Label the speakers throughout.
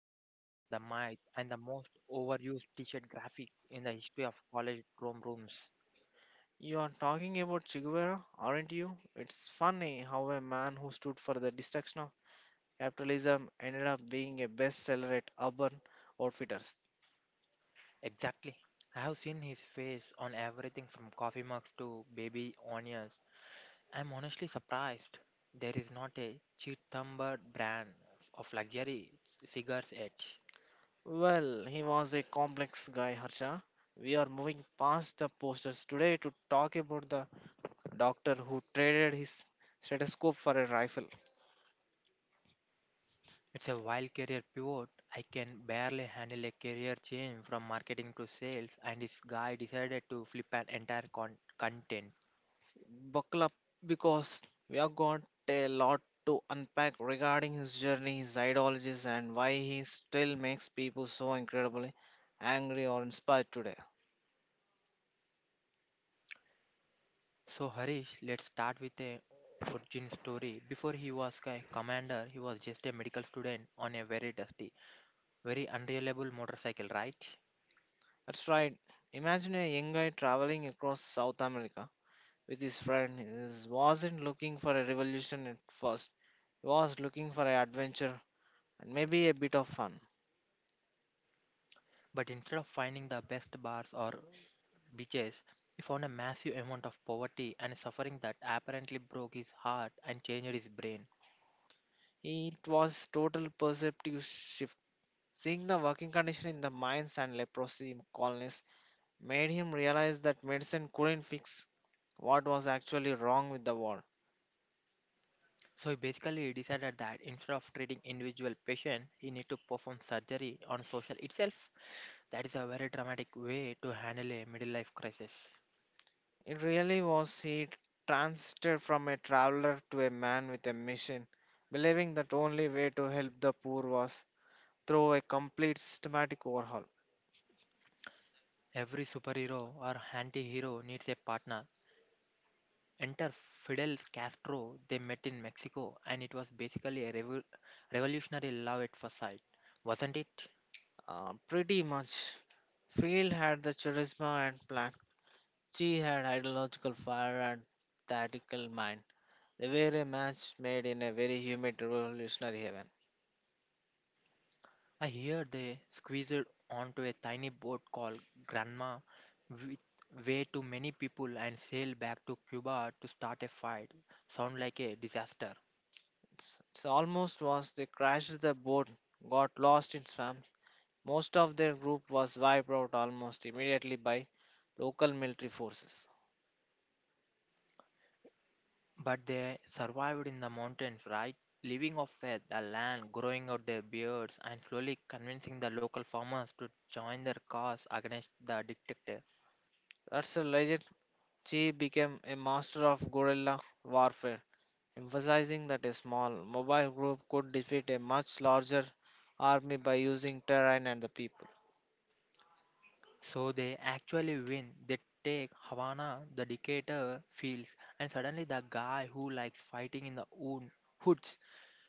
Speaker 1: the man, the myth, and the most overused t-shirt graphic in the history of college dorm rooms.
Speaker 2: You are talking about Che Guevara, aren't you? It's funny how a man who stood for the destruction of capitalism ended up being a bestseller at Urban Outfitters.
Speaker 1: Exactly. I have seen his face on everything from coffee mugs to baby onions. I'm honestly surprised there is not a cheap thumber brand of luxury cigars yet.
Speaker 2: Well, he was a complex guy, Harsha. We are moving past the posters today to talk about the doctor who traded his stethoscope for a rifle.
Speaker 1: It's a wild career pivot. I can barely handle a career change from marketing to sales, and this guy decided to flip an entire content.
Speaker 2: Buckle up because we are got a lot to unpack regarding his journey, his ideologies, and why he still makes people so incredibly angry or inspired today.
Speaker 1: So, Harish, let's start with a origin story. Before he was a commander, he was just a medical student on a very dusty, very unreliable motorcycle, right?
Speaker 2: That's right. Imagine a young guy traveling across South America with his friend. He wasn't looking for a revolution at first, he was looking for an adventure and maybe a bit of fun.
Speaker 1: But instead of finding the best bars or beaches, he found a massive amount of poverty and suffering that apparently broke his heart and changed his brain.
Speaker 2: It was total perceptive shift. Seeing the working condition in the mines and leprosy colonies made him realize that medicine couldn't fix what was actually wrong with the world.
Speaker 1: So basically, he decided that instead of treating individual patient, he need to perform surgery on social itself. That is a very dramatic way to handle a middle life crisis.
Speaker 2: It really was he transited from a traveler to a man with a mission, believing that only way to help the poor was through a complete systematic overhaul.
Speaker 1: Every superhero or anti-hero needs a partner. Enter Fidel Castro. They met in Mexico, and it was basically a revolutionary love at first sight, wasn't it?
Speaker 2: Pretty much, Field had the charisma and plan. She had ideological fire and tactical mind. They were a match made in a very humid revolutionary heaven.
Speaker 1: I hear they squeezed onto a tiny boat called Granma with way too many people and sailed back to Cuba to start a fight. Sound like a disaster.
Speaker 2: s- so almost was they crashed the boat, got lost in swamps. Most of their group was wiped out almost immediately by local military forces.
Speaker 1: But they survived in the mountains, right? Living off it, the land, growing out their beards, and slowly convincing the local farmers to join their cause against the dictator.
Speaker 2: That's a legend. She became a master of guerrilla warfare, emphasizing that a small mobile group could defeat a much larger army by using terrain and the people.
Speaker 1: So they actually win. They take Havana, the dictator feels, and suddenly the guy who likes fighting in the own hoods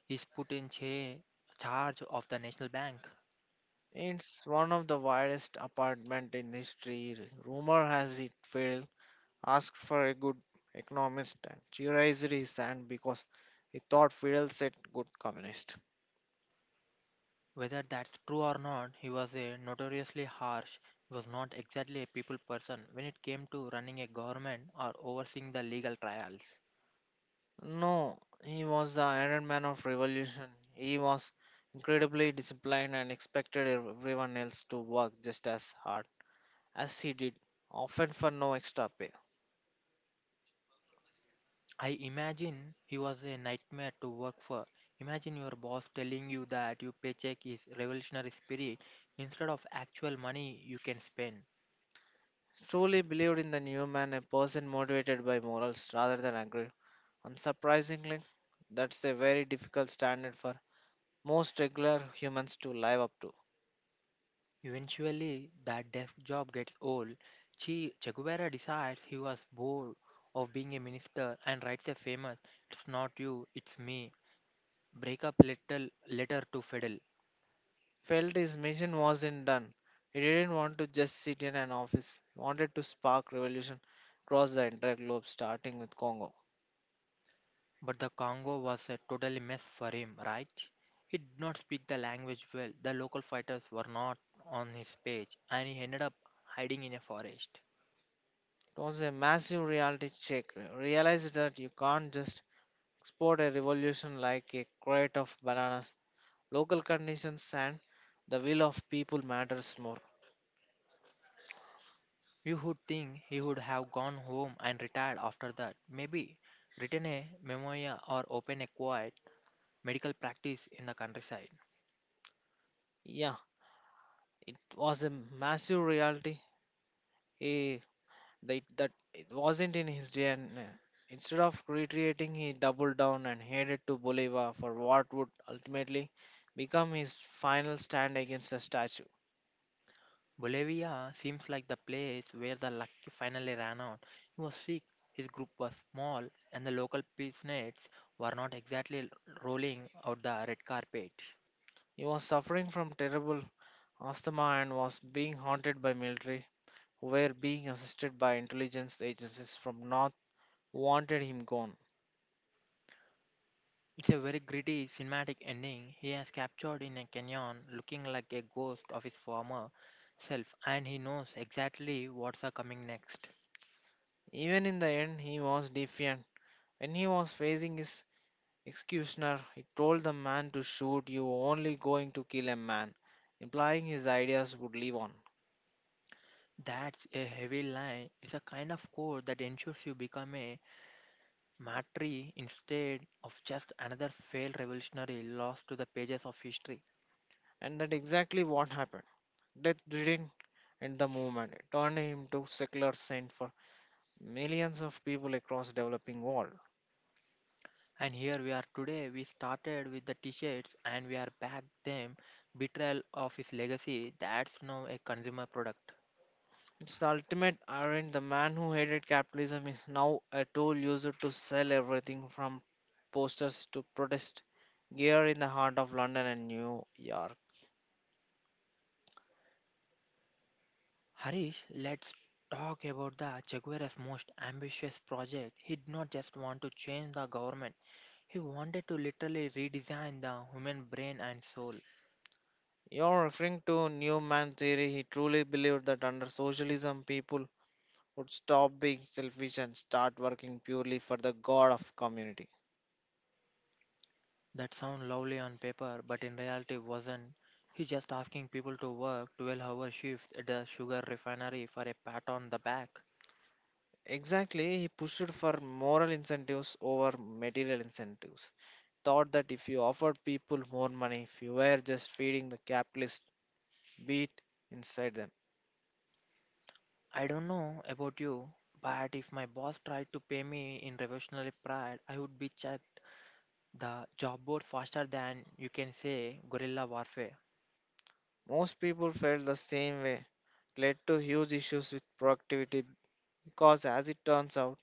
Speaker 1: is put in charge of the National Bank.
Speaker 2: It's one of the widest apartment in history. Rumor has it failed asked for a good economist and theorized his hand because he thought Fidel said good communist.
Speaker 1: Whether that's true or not, he was a notoriously harsh. He was not exactly a people person when it came to running a government or overseeing the legal trials.
Speaker 2: No, he was the Iron Man of revolution. He was incredibly disciplined and expected everyone else to work just as hard as he did, often for no extra pay.
Speaker 1: I imagine he was a nightmare to work for. Imagine your boss telling you that your paycheck is revolutionary spirit instead of actual money you can spend.
Speaker 2: He truly believed in the new man, a person motivated by morals rather than aggression. Unsurprisingly, that's a very difficult standard for most regular humans to live up to.
Speaker 1: Eventually, that desk job gets old. Che Guevara decides he was bored of being a minister and writes a famous It's Not You, It's Me breakup letter to Fidel.
Speaker 2: Felt his mission wasn't done. He didn't want to just sit in an office. He wanted to spark revolution across the entire globe, starting with Congo.
Speaker 1: But the Congo was a totally mess for him, right? He did not speak the language well, the local fighters were not on his page, and he ended up hiding in a forest.
Speaker 2: It was a massive reality check. Realize that you can't just export a revolution like a crate of bananas. Local conditions and the will of people matters more.
Speaker 1: You would think he would have gone home and retired after that, maybe written a memoir or opened a quiet medical practice in the countryside.
Speaker 2: Yeah, it was a massive reality. He They, that it wasn't in his DNA. Instead of retreating, he doubled down and headed to Bolivar for what would ultimately become his final stand against the statue.
Speaker 1: Bolivia seems like the place where the luck finally ran out. He was sick, his group was small, and the local peacenates were not exactly rolling out the red carpet.
Speaker 2: He was suffering from terrible asthma and was being haunted by military, who were being assisted by intelligence agencies from North, who wanted him gone.
Speaker 1: It's a very gritty cinematic ending. He has captured in a canyon looking like a ghost of his former self, and he knows exactly what's a coming next.
Speaker 2: Even in the end, he was defiant. When he was facing his Executioner, he told the man to shoot you only going to kill a man, implying his ideas would live on.
Speaker 1: That's a heavy line. It's a kind of code that ensures you become a Matri, instead of just another failed revolutionary, lost to the pages of history.
Speaker 2: And that exactly what happened. Death didn't end the movement. It turned him to secular saint for millions of people across developing world.
Speaker 1: And here we are today. We started with the t-shirts and we are back them. Betrayal of his legacy, that's now a consumer product.
Speaker 2: It's the ultimate irony. The man who hated capitalism is now a tool used to sell everything from posters to protest gear in the heart of London and New York.
Speaker 1: Harish, let's talk about the Che Guevara's most ambitious project. He did not just want to change the government. He wanted to literally redesign the human brain and soul.
Speaker 2: You're referring to Newman theory. He truly believed that under socialism, people would stop being selfish and start working purely for the god of community.
Speaker 1: That sound lovely on paper, but in reality wasn't. He's just asking people to work 12-hour shifts at the sugar refinery for a pat on the back.
Speaker 2: Exactly, he pushed for moral incentives over material incentives. Thought that if you offered people more money, if you were just feeding the capitalist beat inside them,
Speaker 1: I don't know about you, but if my boss tried to pay me in revolutionary pride, I would be checked the job board faster than you can say guerrilla warfare.
Speaker 2: most people felt the same way. Led to huge issues with productivity because, as it turns out,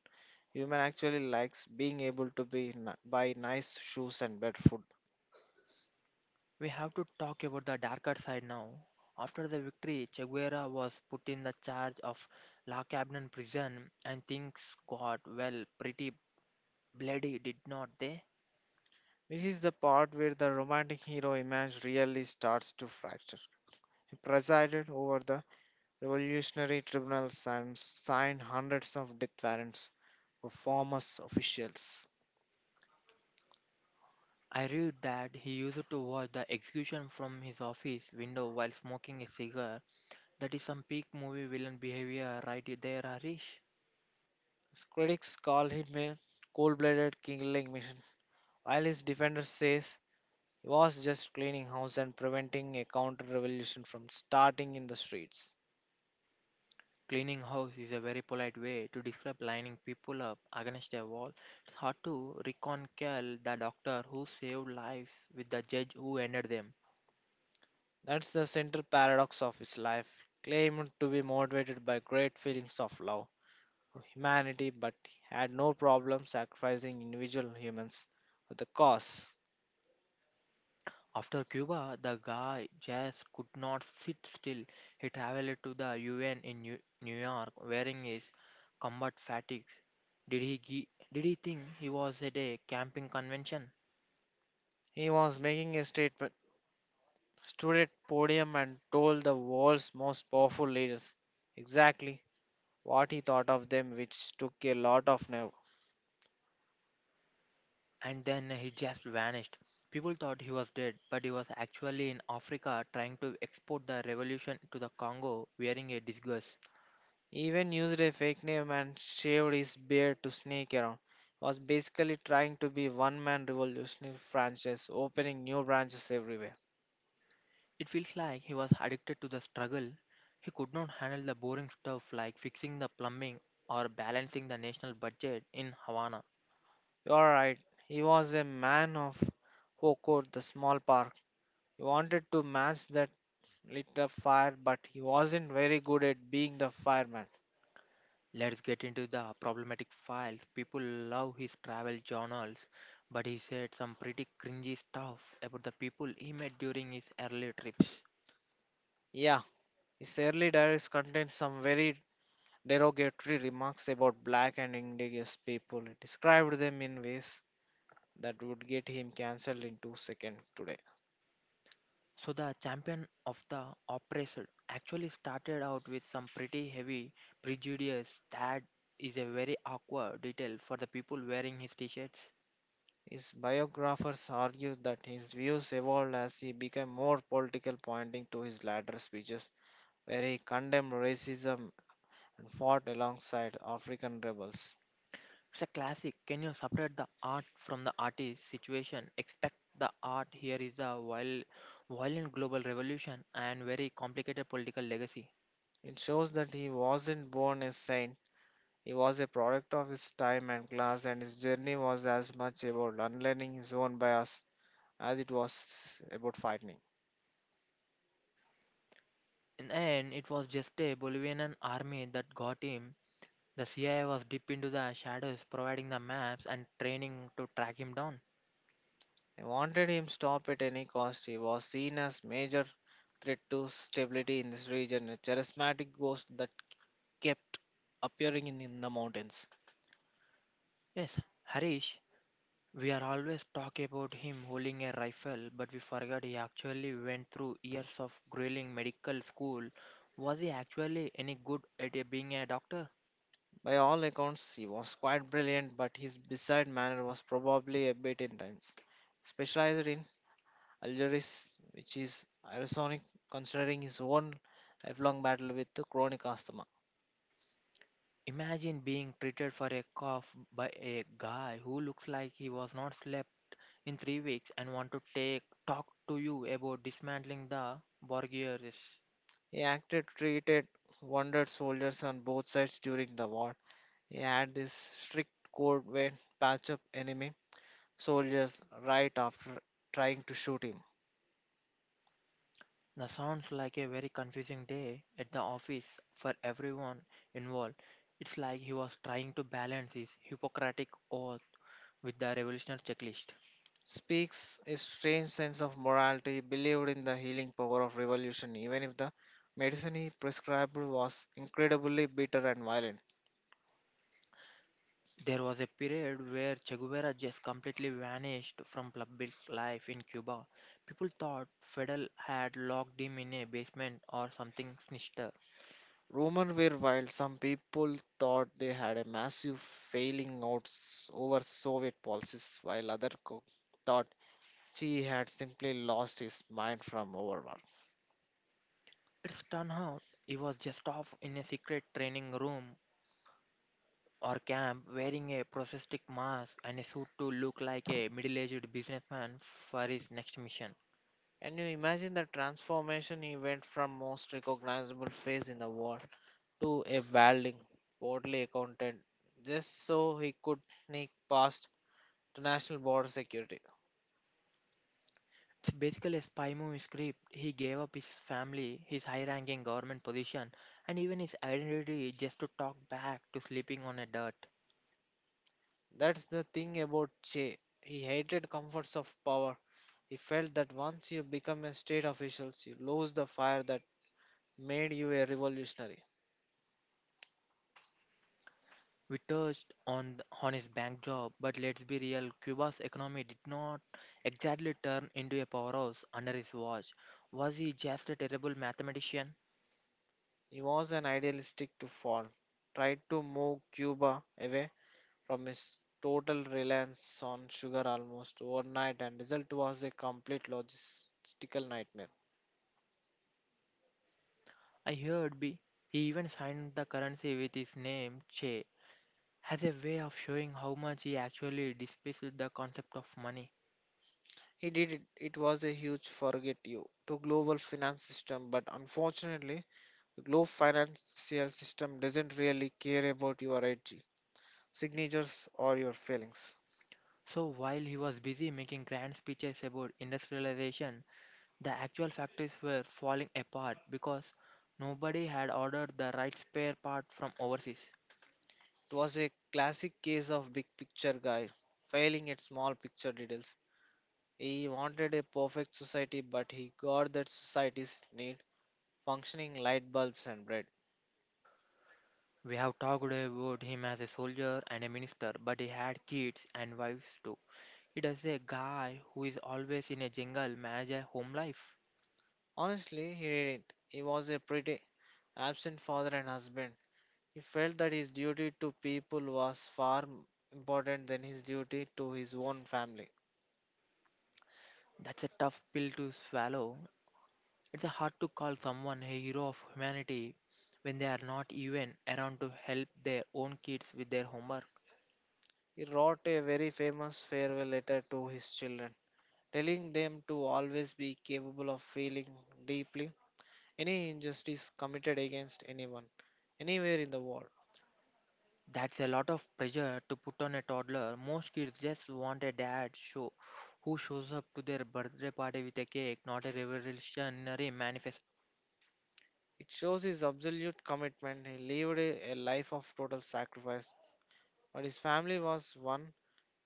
Speaker 2: Human actually likes being able to be buy nice shoes and better food.
Speaker 1: We have to talk about the darker side now. After the victory, Che Guevara was put in the charge of La Cabana prison and things got, well, pretty Bloody did not they?
Speaker 2: This is the part where the romantic hero image really starts to fracture. He presided over the revolutionary tribunals and signed hundreds of death warrants for former officials.
Speaker 1: I read that he used to watch the execution from his office window while smoking a cigar. That is some peak movie villain behavior right there, Harish.
Speaker 2: His critics call him a cold-blooded killing machine, while his defenders says he was just cleaning house and preventing a counter-revolution from starting in the streets.
Speaker 1: Cleaning house is a very polite way to describe lining people up against a wall. It's hard to reconcile the doctor who saved lives with the judge who ended them.
Speaker 2: That's the central paradox of his life, claimed to be motivated by great feelings of love for humanity, but he had no problem sacrificing individual humans for the cause.
Speaker 1: After Cuba, the guy just could not sit still. He traveled to the UN in New York wearing his combat fatigues. Did he did he think he was at a camping convention?
Speaker 2: He was making a statement, stood at podium and told the world's most powerful leaders exactly what he thought of them, which took a lot of nerve.
Speaker 1: And then he just vanished. People thought he was dead, but he was actually in Africa trying to export the revolution to the Congo wearing a disguise.
Speaker 2: Even used a fake name and shaved his beard to sneak around. Was basically trying to be one man revolutionary franchise, opening new branches everywhere.
Speaker 1: It feels like he was addicted to the struggle. He could not handle the boring stuff like fixing the plumbing or balancing the national budget in Havana.
Speaker 2: You're right, he was a man of Hokot, the small park. He wanted to match that lit up fire, but he wasn't very good at being the fireman.
Speaker 1: Let's get into the problematic files. People love his travel journals, but he said some pretty cringy stuff about the people he met during his early trips.
Speaker 2: Yeah, his early diaries contained some very derogatory remarks about black and indigenous people. He described them in ways that would get him cancelled in two seconds today.
Speaker 1: So, the champion of the oppressed actually started out with some pretty heavy prejudice that is a very awkward detail for the people wearing his t shirts.
Speaker 2: His biographers argue that his views evolved as he became more political, pointing to his later speeches, where he condemned racism and fought alongside African rebels.
Speaker 1: It's a classic. Can you separate the art from the artist situation? Expect the art here is a violent global revolution and very complicated political legacy.
Speaker 2: It shows that he wasn't born a saint, he was a product of his time and class, and his journey was as much about unlearning his own bias as it was about fighting.
Speaker 1: In the end, it was just a Bolivian army that got him. The CIA was deep into the shadows, providing the maps and training to track him down.
Speaker 2: They wanted him stopped at any cost. He was seen as major threat to stability in this region, a charismatic ghost that kept appearing in the mountains.
Speaker 1: Yes, Harish, we are always talk about him holding a rifle, but we forget he actually went through years of grueling medical school. Was he actually any good at being a doctor?
Speaker 2: By all accounts, he was quite brilliant, but his bedside manner was probably a bit intense. Specialized in Algeris, which is ironic considering his own lifelong battle with the chronic asthma.
Speaker 1: Imagine being treated for a cough by a guy who looks like he was not slept in 3 weeks and want to take talk to you about dismantling the Borgias.
Speaker 2: He acted, treated wounded soldiers on both sides during the war. He had this strict code where patch up enemy soldiers right after trying to shoot him.
Speaker 1: That sounds like a very confusing day at the office for everyone involved. It's like he was trying to balance his Hippocratic oath with the revolutionary checklist.
Speaker 2: Speaks a strange sense of morality, believed in the healing power of revolution, even if the medicine he prescribed was incredibly bitter and violent.
Speaker 1: There was a period where Che Guevara just completely vanished from public life in Cuba. People thought Fidel had locked him in a basement or something sinister.
Speaker 2: Rumors were wild. Some people thought they had a massive failing out over Soviet policies, while others thought she had simply lost his mind from overwork.
Speaker 1: It's turned out he was just off in a secret training room or camp wearing a prosthetic mask and a suit to look like a middle aged businessman for his next mission.
Speaker 2: Can you imagine the transformation he went from most recognizable face in the war to a welding portly accountant just so he could sneak past the national border security.
Speaker 1: It's basically, a spy movie script, he gave up his family, his high ranking government position, and even his identity just to talk back to sleeping on a dirt.
Speaker 2: That's the thing about Che. He hated comforts of power. He felt that once you become a state official, you lose the fire that made you a revolutionary.
Speaker 1: We touched on his bank job, but let's be real Cuba's economy did not exactly turn into a powerhouse under his watch. Was he just a terrible mathematician?
Speaker 2: He was an idealistic to fall, tried to move Cuba away from his total reliance on sugar almost overnight, and result was a complete logistical nightmare.
Speaker 1: I heard B. He even signed the currency with his name, Che, as a way of showing how much he actually despised the concept of money.
Speaker 2: He did it. It was a huge forget you to global finance system, but unfortunately, the global financial system doesn't really care about your edgy signatures or your failings.
Speaker 1: So while he was busy making grand speeches about industrialization, the actual factories were falling apart because nobody had ordered the right spare part from overseas.
Speaker 2: It was a classic case of big picture guy failing at small picture details. He wanted a perfect society, but he got that society's need functioning light bulbs and bread.
Speaker 1: We have talked about him as a soldier and a minister, but he had kids and wives too. It is a guy who is always in a jungle manage a home life.
Speaker 2: Honestly, he didn't. He was a pretty absent father and husband. He felt that his duty to people was far important than his duty to his own family.
Speaker 1: That's a tough pill to swallow. It's hard to call someone a hero of humanity when they are not even around to help their own kids with their homework.
Speaker 2: He wrote a very famous farewell letter to his children, telling them to always be capable of feeling deeply any injustice committed against anyone, anywhere in the world.
Speaker 1: That's a lot of pressure to put on a toddler. Most kids just want a dad show who shows up to their birthday party with a cake, not a revolutionary manifesto.
Speaker 2: It shows his absolute commitment. He lived a life of total sacrifice, but his family was one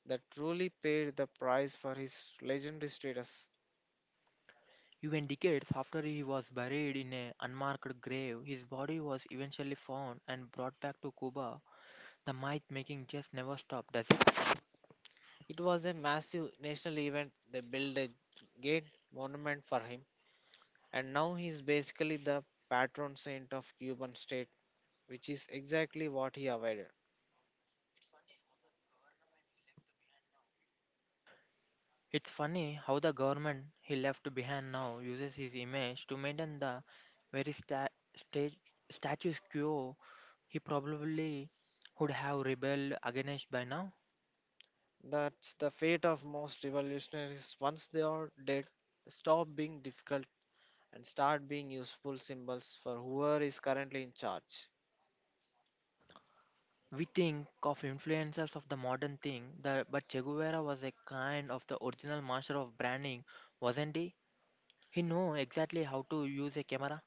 Speaker 2: that truly paid the price for his legendary status.
Speaker 1: Even decades after he was buried in an unmarked grave, his body was eventually found and brought back to Cuba. The myth making just never stopped, does it?
Speaker 2: It was a massive national event. They built a great monument for him, and now he is basically the patron saint of Cuban state, which is exactly what he avoided.
Speaker 1: It's funny how the government he left behind now uses his image to maintain the very stage status quo he probably would have rebelled against by now.
Speaker 2: That's the fate of most revolutionaries. Once they are dead, stop being difficult and start being useful symbols for whoever is currently in charge.
Speaker 1: We think of influencers of the modern thing, but Che Guevara was a kind of the original master of branding, wasn't he? He knew exactly how to use a camera.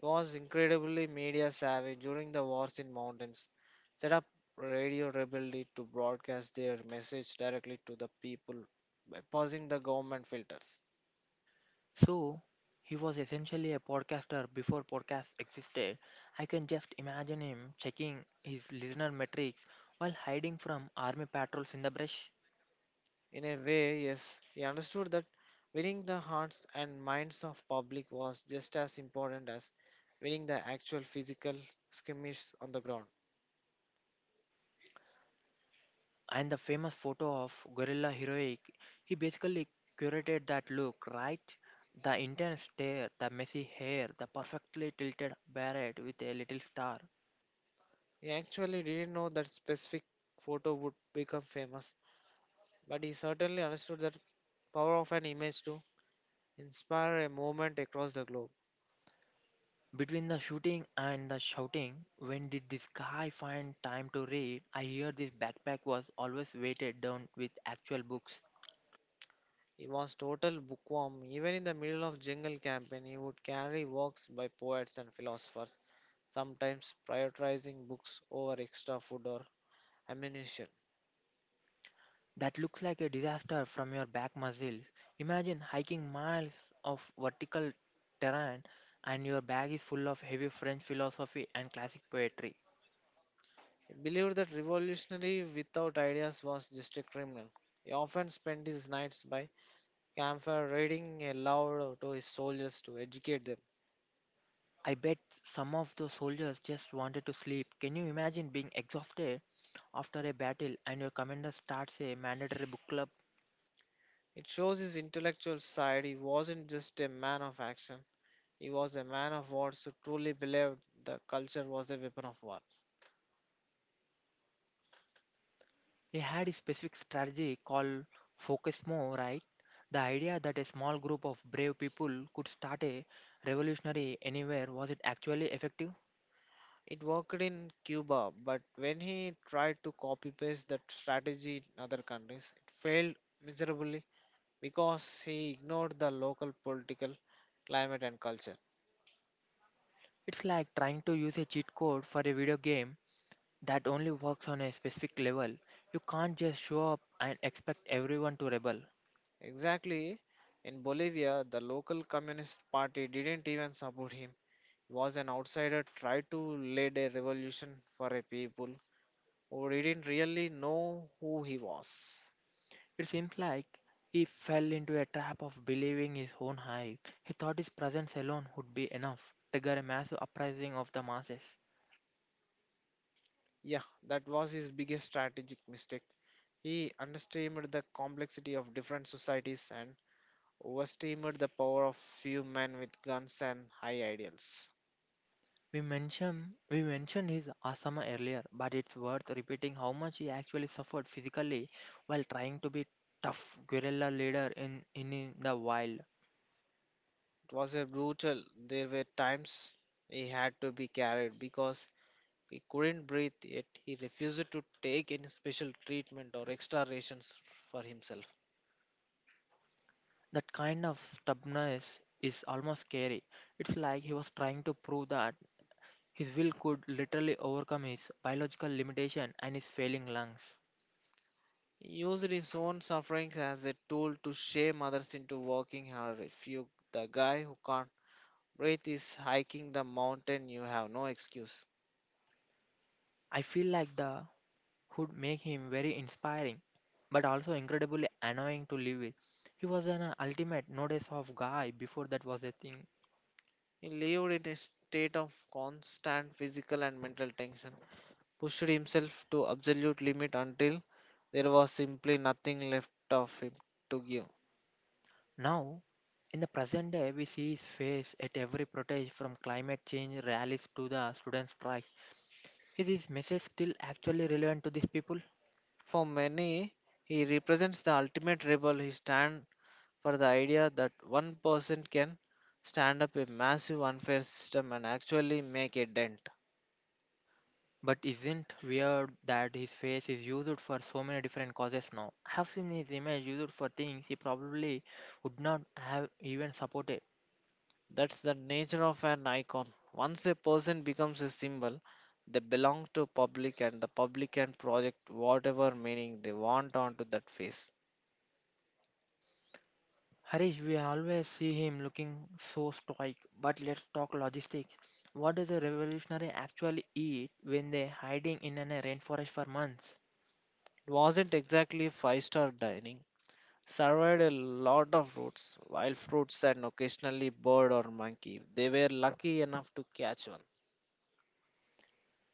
Speaker 2: He was incredibly media savvy during the wars in mountains, set up Radio Rebellion to broadcast their message directly to the people by pausing the government filters.
Speaker 1: So he was essentially a podcaster before podcasts existed. I can just imagine him checking his listener metrics while hiding from army patrols in the brush.
Speaker 2: In a way, yes, he understood that winning the hearts and minds of public was just as important as winning the actual physical skirmish on the ground.
Speaker 1: And the famous photo of Gorilla Heroic, he basically curated that look, right? The intense stare, the messy hair, the perfectly tilted beret with a little star.
Speaker 2: He actually didn't know that specific photo would become famous, but he certainly understood that power of an image to inspire a movement across the globe.
Speaker 1: Between the shooting and the shouting, when did this guy find time to read? I hear this backpack was always weighted down with actual books.
Speaker 2: He was total bookworm. Even in the middle of jungle campaign, he would carry works by poets and philosophers, sometimes prioritizing books over extra food or ammunition.
Speaker 1: That looks like a disaster from your back muscles. Imagine hiking miles of vertical terrain and your bag is full of heavy French philosophy and classic poetry.
Speaker 2: He believed that revolutionary without ideas was just a criminal. He often spent his nights by campfire reading aloud to his soldiers to educate them.
Speaker 1: I bet some of those soldiers just wanted to sleep. Can you imagine being exhausted after a battle and your commander starts a mandatory book club?
Speaker 2: It shows his intellectual side. He wasn't just a man of action. He was a man of words who truly believed the culture was a weapon of war.
Speaker 1: He had a specific strategy called Focus More, right? The idea that a small group of brave people could start a revolutionary anywhere, was it actually effective?
Speaker 2: It worked in Cuba, but when he tried to copy paste that strategy in other countries, it failed miserably because he ignored the local political climate and culture.
Speaker 1: It's like trying to use a cheat code for a video game that only works on a specific level. You can't just show up and expect everyone to rebel.
Speaker 2: Exactly in Bolivia, the local communist party didn't even support him. He was an outsider tried to lead a revolution for a people who didn't really know who he was.
Speaker 1: It seems like he fell into a trap of believing his own hype. He thought his presence alone would be enough, trigger a massive uprising of the masses.
Speaker 2: Yeah, that was his biggest strategic mistake. He underestimated the complexity of different societies and overestimated the power of few men with guns and high ideals.
Speaker 1: We mentioned his asthma earlier, but it's worth repeating how much he actually suffered physically while trying to be tough guerrilla leader in the wild.
Speaker 2: It was a brutal. There were times he had to be carried because he couldn't breathe, yet he refused to take any special treatment or extra rations for himself.
Speaker 1: That kind of stubbornness is almost scary. It's like he was trying to prove that his will could literally overcome his biological limitation and his failing lungs.
Speaker 2: He used his own sufferings as a tool to shame others into working hard. If you, the guy who can't breath is hiking the mountain, you have no excuse.
Speaker 1: I feel like the would make him very inspiring, but also incredibly annoying to live with. He was an ultimate notice of guy before that was a thing.
Speaker 2: He lived in a state of constant physical and mental tension, pushed himself to absolute limit until there was simply nothing left of him to give.
Speaker 1: Now, in the present day, we see his face at every protest from climate change rallies to the student strike. Is his message still actually relevant to these people?
Speaker 2: For many, he represents the ultimate rebel. He stands for the idea that one person can stand up a massive unfair system and actually make a dent.
Speaker 1: But isn't weird that his face is used for so many different causes now? I have seen his image used for things he probably would not have even supported.
Speaker 2: That's the nature of an icon. Once a person becomes a symbol, they belong to public and the public can project whatever meaning they want onto that face.
Speaker 1: Harish, we always see him looking so stoic, but let's talk logistics. What does a revolutionary actually eat when they're hiding in a rainforest for months?
Speaker 2: It wasn't exactly five-star dining. Survived a lot of roots, wild fruits and occasionally bird or monkey. If they were lucky enough to catch one.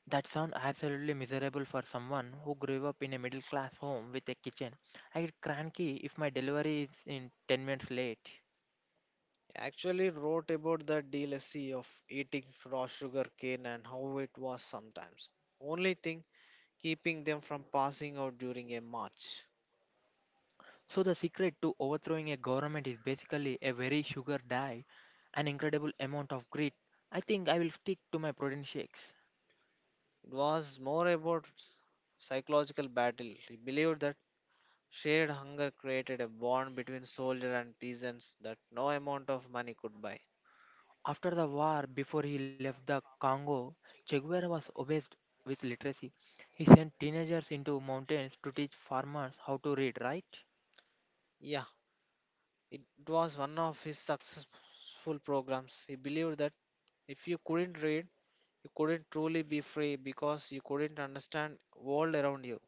Speaker 1: That sounds absolutely miserable for someone who grew up in a middle class home with a kitchen. I get cranky if my delivery is in 10 minutes late.
Speaker 2: I actually wrote about the delicacy of eating raw sugar cane and how it was sometimes. Only thing keeping them from passing out during a march.
Speaker 1: So, the secret to overthrowing a government is basically a very sugar diet, an incredible amount of grit. I think I will stick to my protein shakes.
Speaker 2: It was more about psychological battle. He believed that shared hunger created a bond between soldier and peasants that no amount of money could buy.
Speaker 1: After the war, before he left the Congo, Che Guevara was obsessed with literacy. He sent teenagers into mountains to teach farmers how to read, right?
Speaker 2: Yeah, it was one of his successful programs. He believed that if you couldn't read, you couldn't truly be free because you couldn't understand world around you.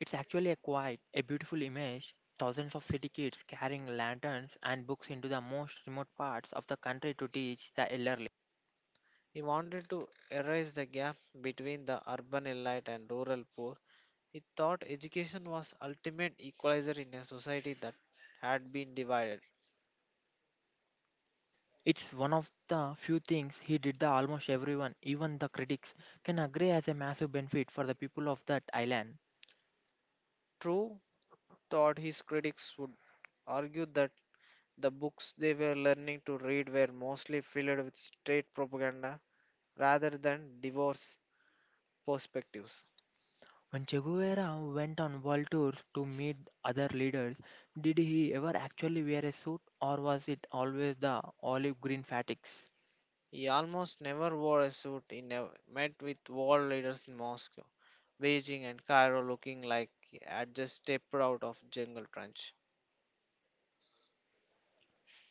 Speaker 1: It's actually a quite a beautiful image. Thousands of city kids carrying lanterns and books into the most remote parts of the country to teach the elderly.
Speaker 2: He wanted to erase the gap between the urban elite and rural poor. He thought education was ultimate equalizer in a society that had been divided.
Speaker 1: It's one of the few things he did that almost everyone, even the critics, can agree as a massive benefit for the people of that island.
Speaker 2: True thought his critics would argue that the books they were learning to read were mostly filled with state propaganda rather than divorce perspectives.
Speaker 1: When Che Guevara went on world tours to meet other leaders, did he ever actually wear a suit, or was it always the olive green fatigues?
Speaker 2: He almost never wore a suit. He never met with world leaders in Moscow, Beijing, and Cairo looking like he had just stepped out of jungle trench.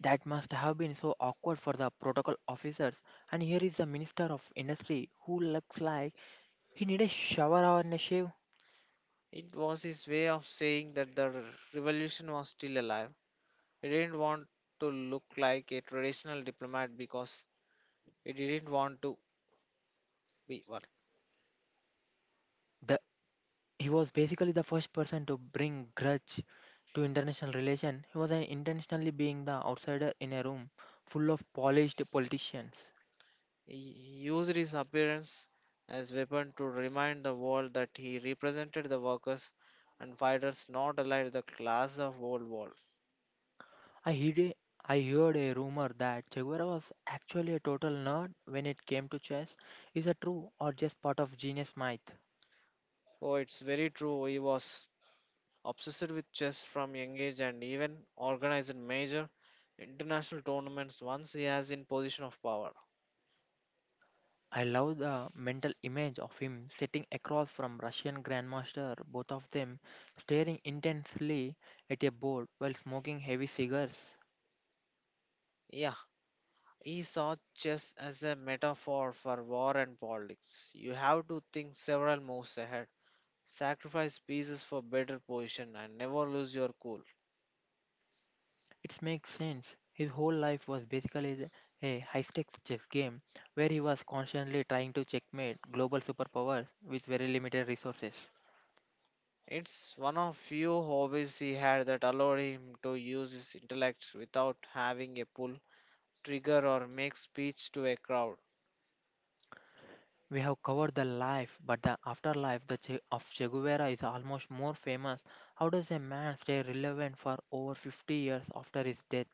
Speaker 1: That must have been so awkward for the protocol officers. And here is the minister of industry who looks like he needed a shower or a shave.
Speaker 2: It was his way of saying that the revolution was still alive. He didn't want to look like a traditional diplomat because he didn't want to B. 1.
Speaker 1: The, he was basically the first person to bring grudge to international relation. He was an intentionally being the outsider in a room full of polished politicians.
Speaker 2: He used his appearance as weapon to remind the world that he represented the workers and fighters not allied the class of old world.
Speaker 1: I heard a, I heard a rumor that Che Guevara was actually a total nerd when it came to chess. Is that true or just part of genius myth?
Speaker 2: Oh, it's very true. He was obsessed with chess from young age and even organized major international tournaments once he has in position of power.
Speaker 1: I love the mental image of him sitting across from Russian grandmaster, both of them staring intensely at a board while smoking heavy cigars.
Speaker 2: Yeah, he saw chess as a metaphor for war and politics. You have to think several moves ahead, sacrifice pieces for better position, and never lose your cool.
Speaker 1: It makes sense. His whole life was basically a high-stakes chess game where he was constantly trying to checkmate global superpowers with very limited resources.
Speaker 2: It's one of few hobbies he had that allowed him to use his intellect without having a pull, trigger, or make speech to a crowd.
Speaker 1: We have covered the life, but the afterlife of Che Guevara is almost more famous. How does a man stay relevant for over 50 years after his death?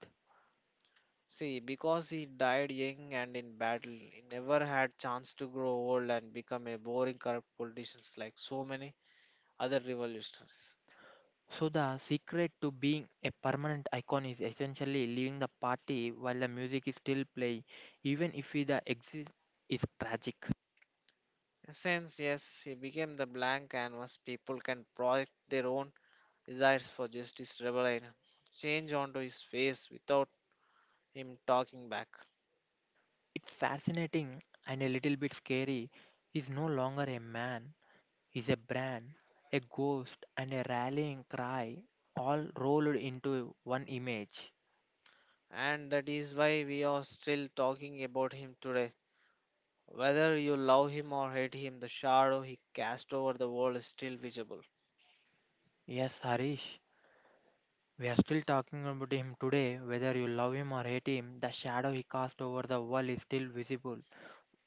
Speaker 2: See, because he died young and in battle, he never had chance to grow old and become a boring corrupt politician like so many other revolutionaries.
Speaker 1: So the secret to being a permanent icon is essentially leaving the party while the music is still playing, even if the exit is tragic.
Speaker 2: In a sense, yes, he became the blank canvas people can project their own desires for justice, rebellion, change onto his face without him talking back.
Speaker 1: It's fascinating and a little bit scary. He's no longer a man, he's a brand, a ghost, and a rallying cry, all rolled into one image.
Speaker 2: And that is why we are still talking about him today. Whether you love him or hate him, the shadow he cast over the world is still visible.
Speaker 1: Yes, Harish, we are still talking about him today. Whether you love him or hate him, the shadow he cast over the world is still visible.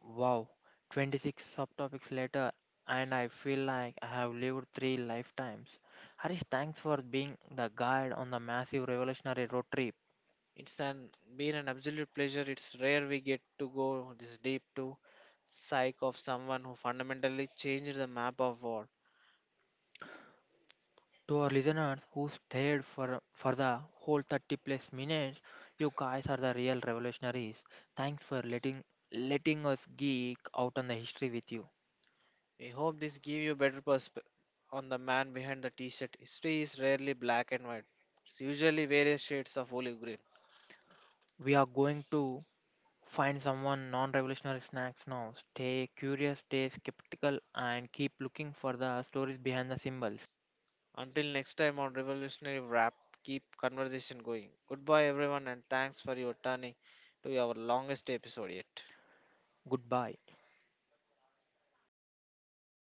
Speaker 1: Wow, 26 subtopics later, and I feel like I have lived three lifetimes. Harish, thanks for being the guide on the massive revolutionary road trip.
Speaker 2: It's an been an absolute pleasure. It's rare we get to go this deep to psyche of someone who fundamentally changed the map of war.
Speaker 1: To our listeners who stayed for the whole 30 plus minutes, you guys are the real revolutionaries. Thanks for letting us geek out on the history with you.
Speaker 2: We hope this give you better perspective on the man behind the t-shirt. History is rarely black and white. It's usually various shades of olive green.
Speaker 1: We are going to find someone non revolutionary snacks now. Stay curious, stay skeptical, and keep looking for the stories behind the symbols.
Speaker 2: Until next time on Revolutionary Wrap, keep conversation going. Goodbye, everyone, and thanks for your turning to our longest episode yet.
Speaker 1: Goodbye.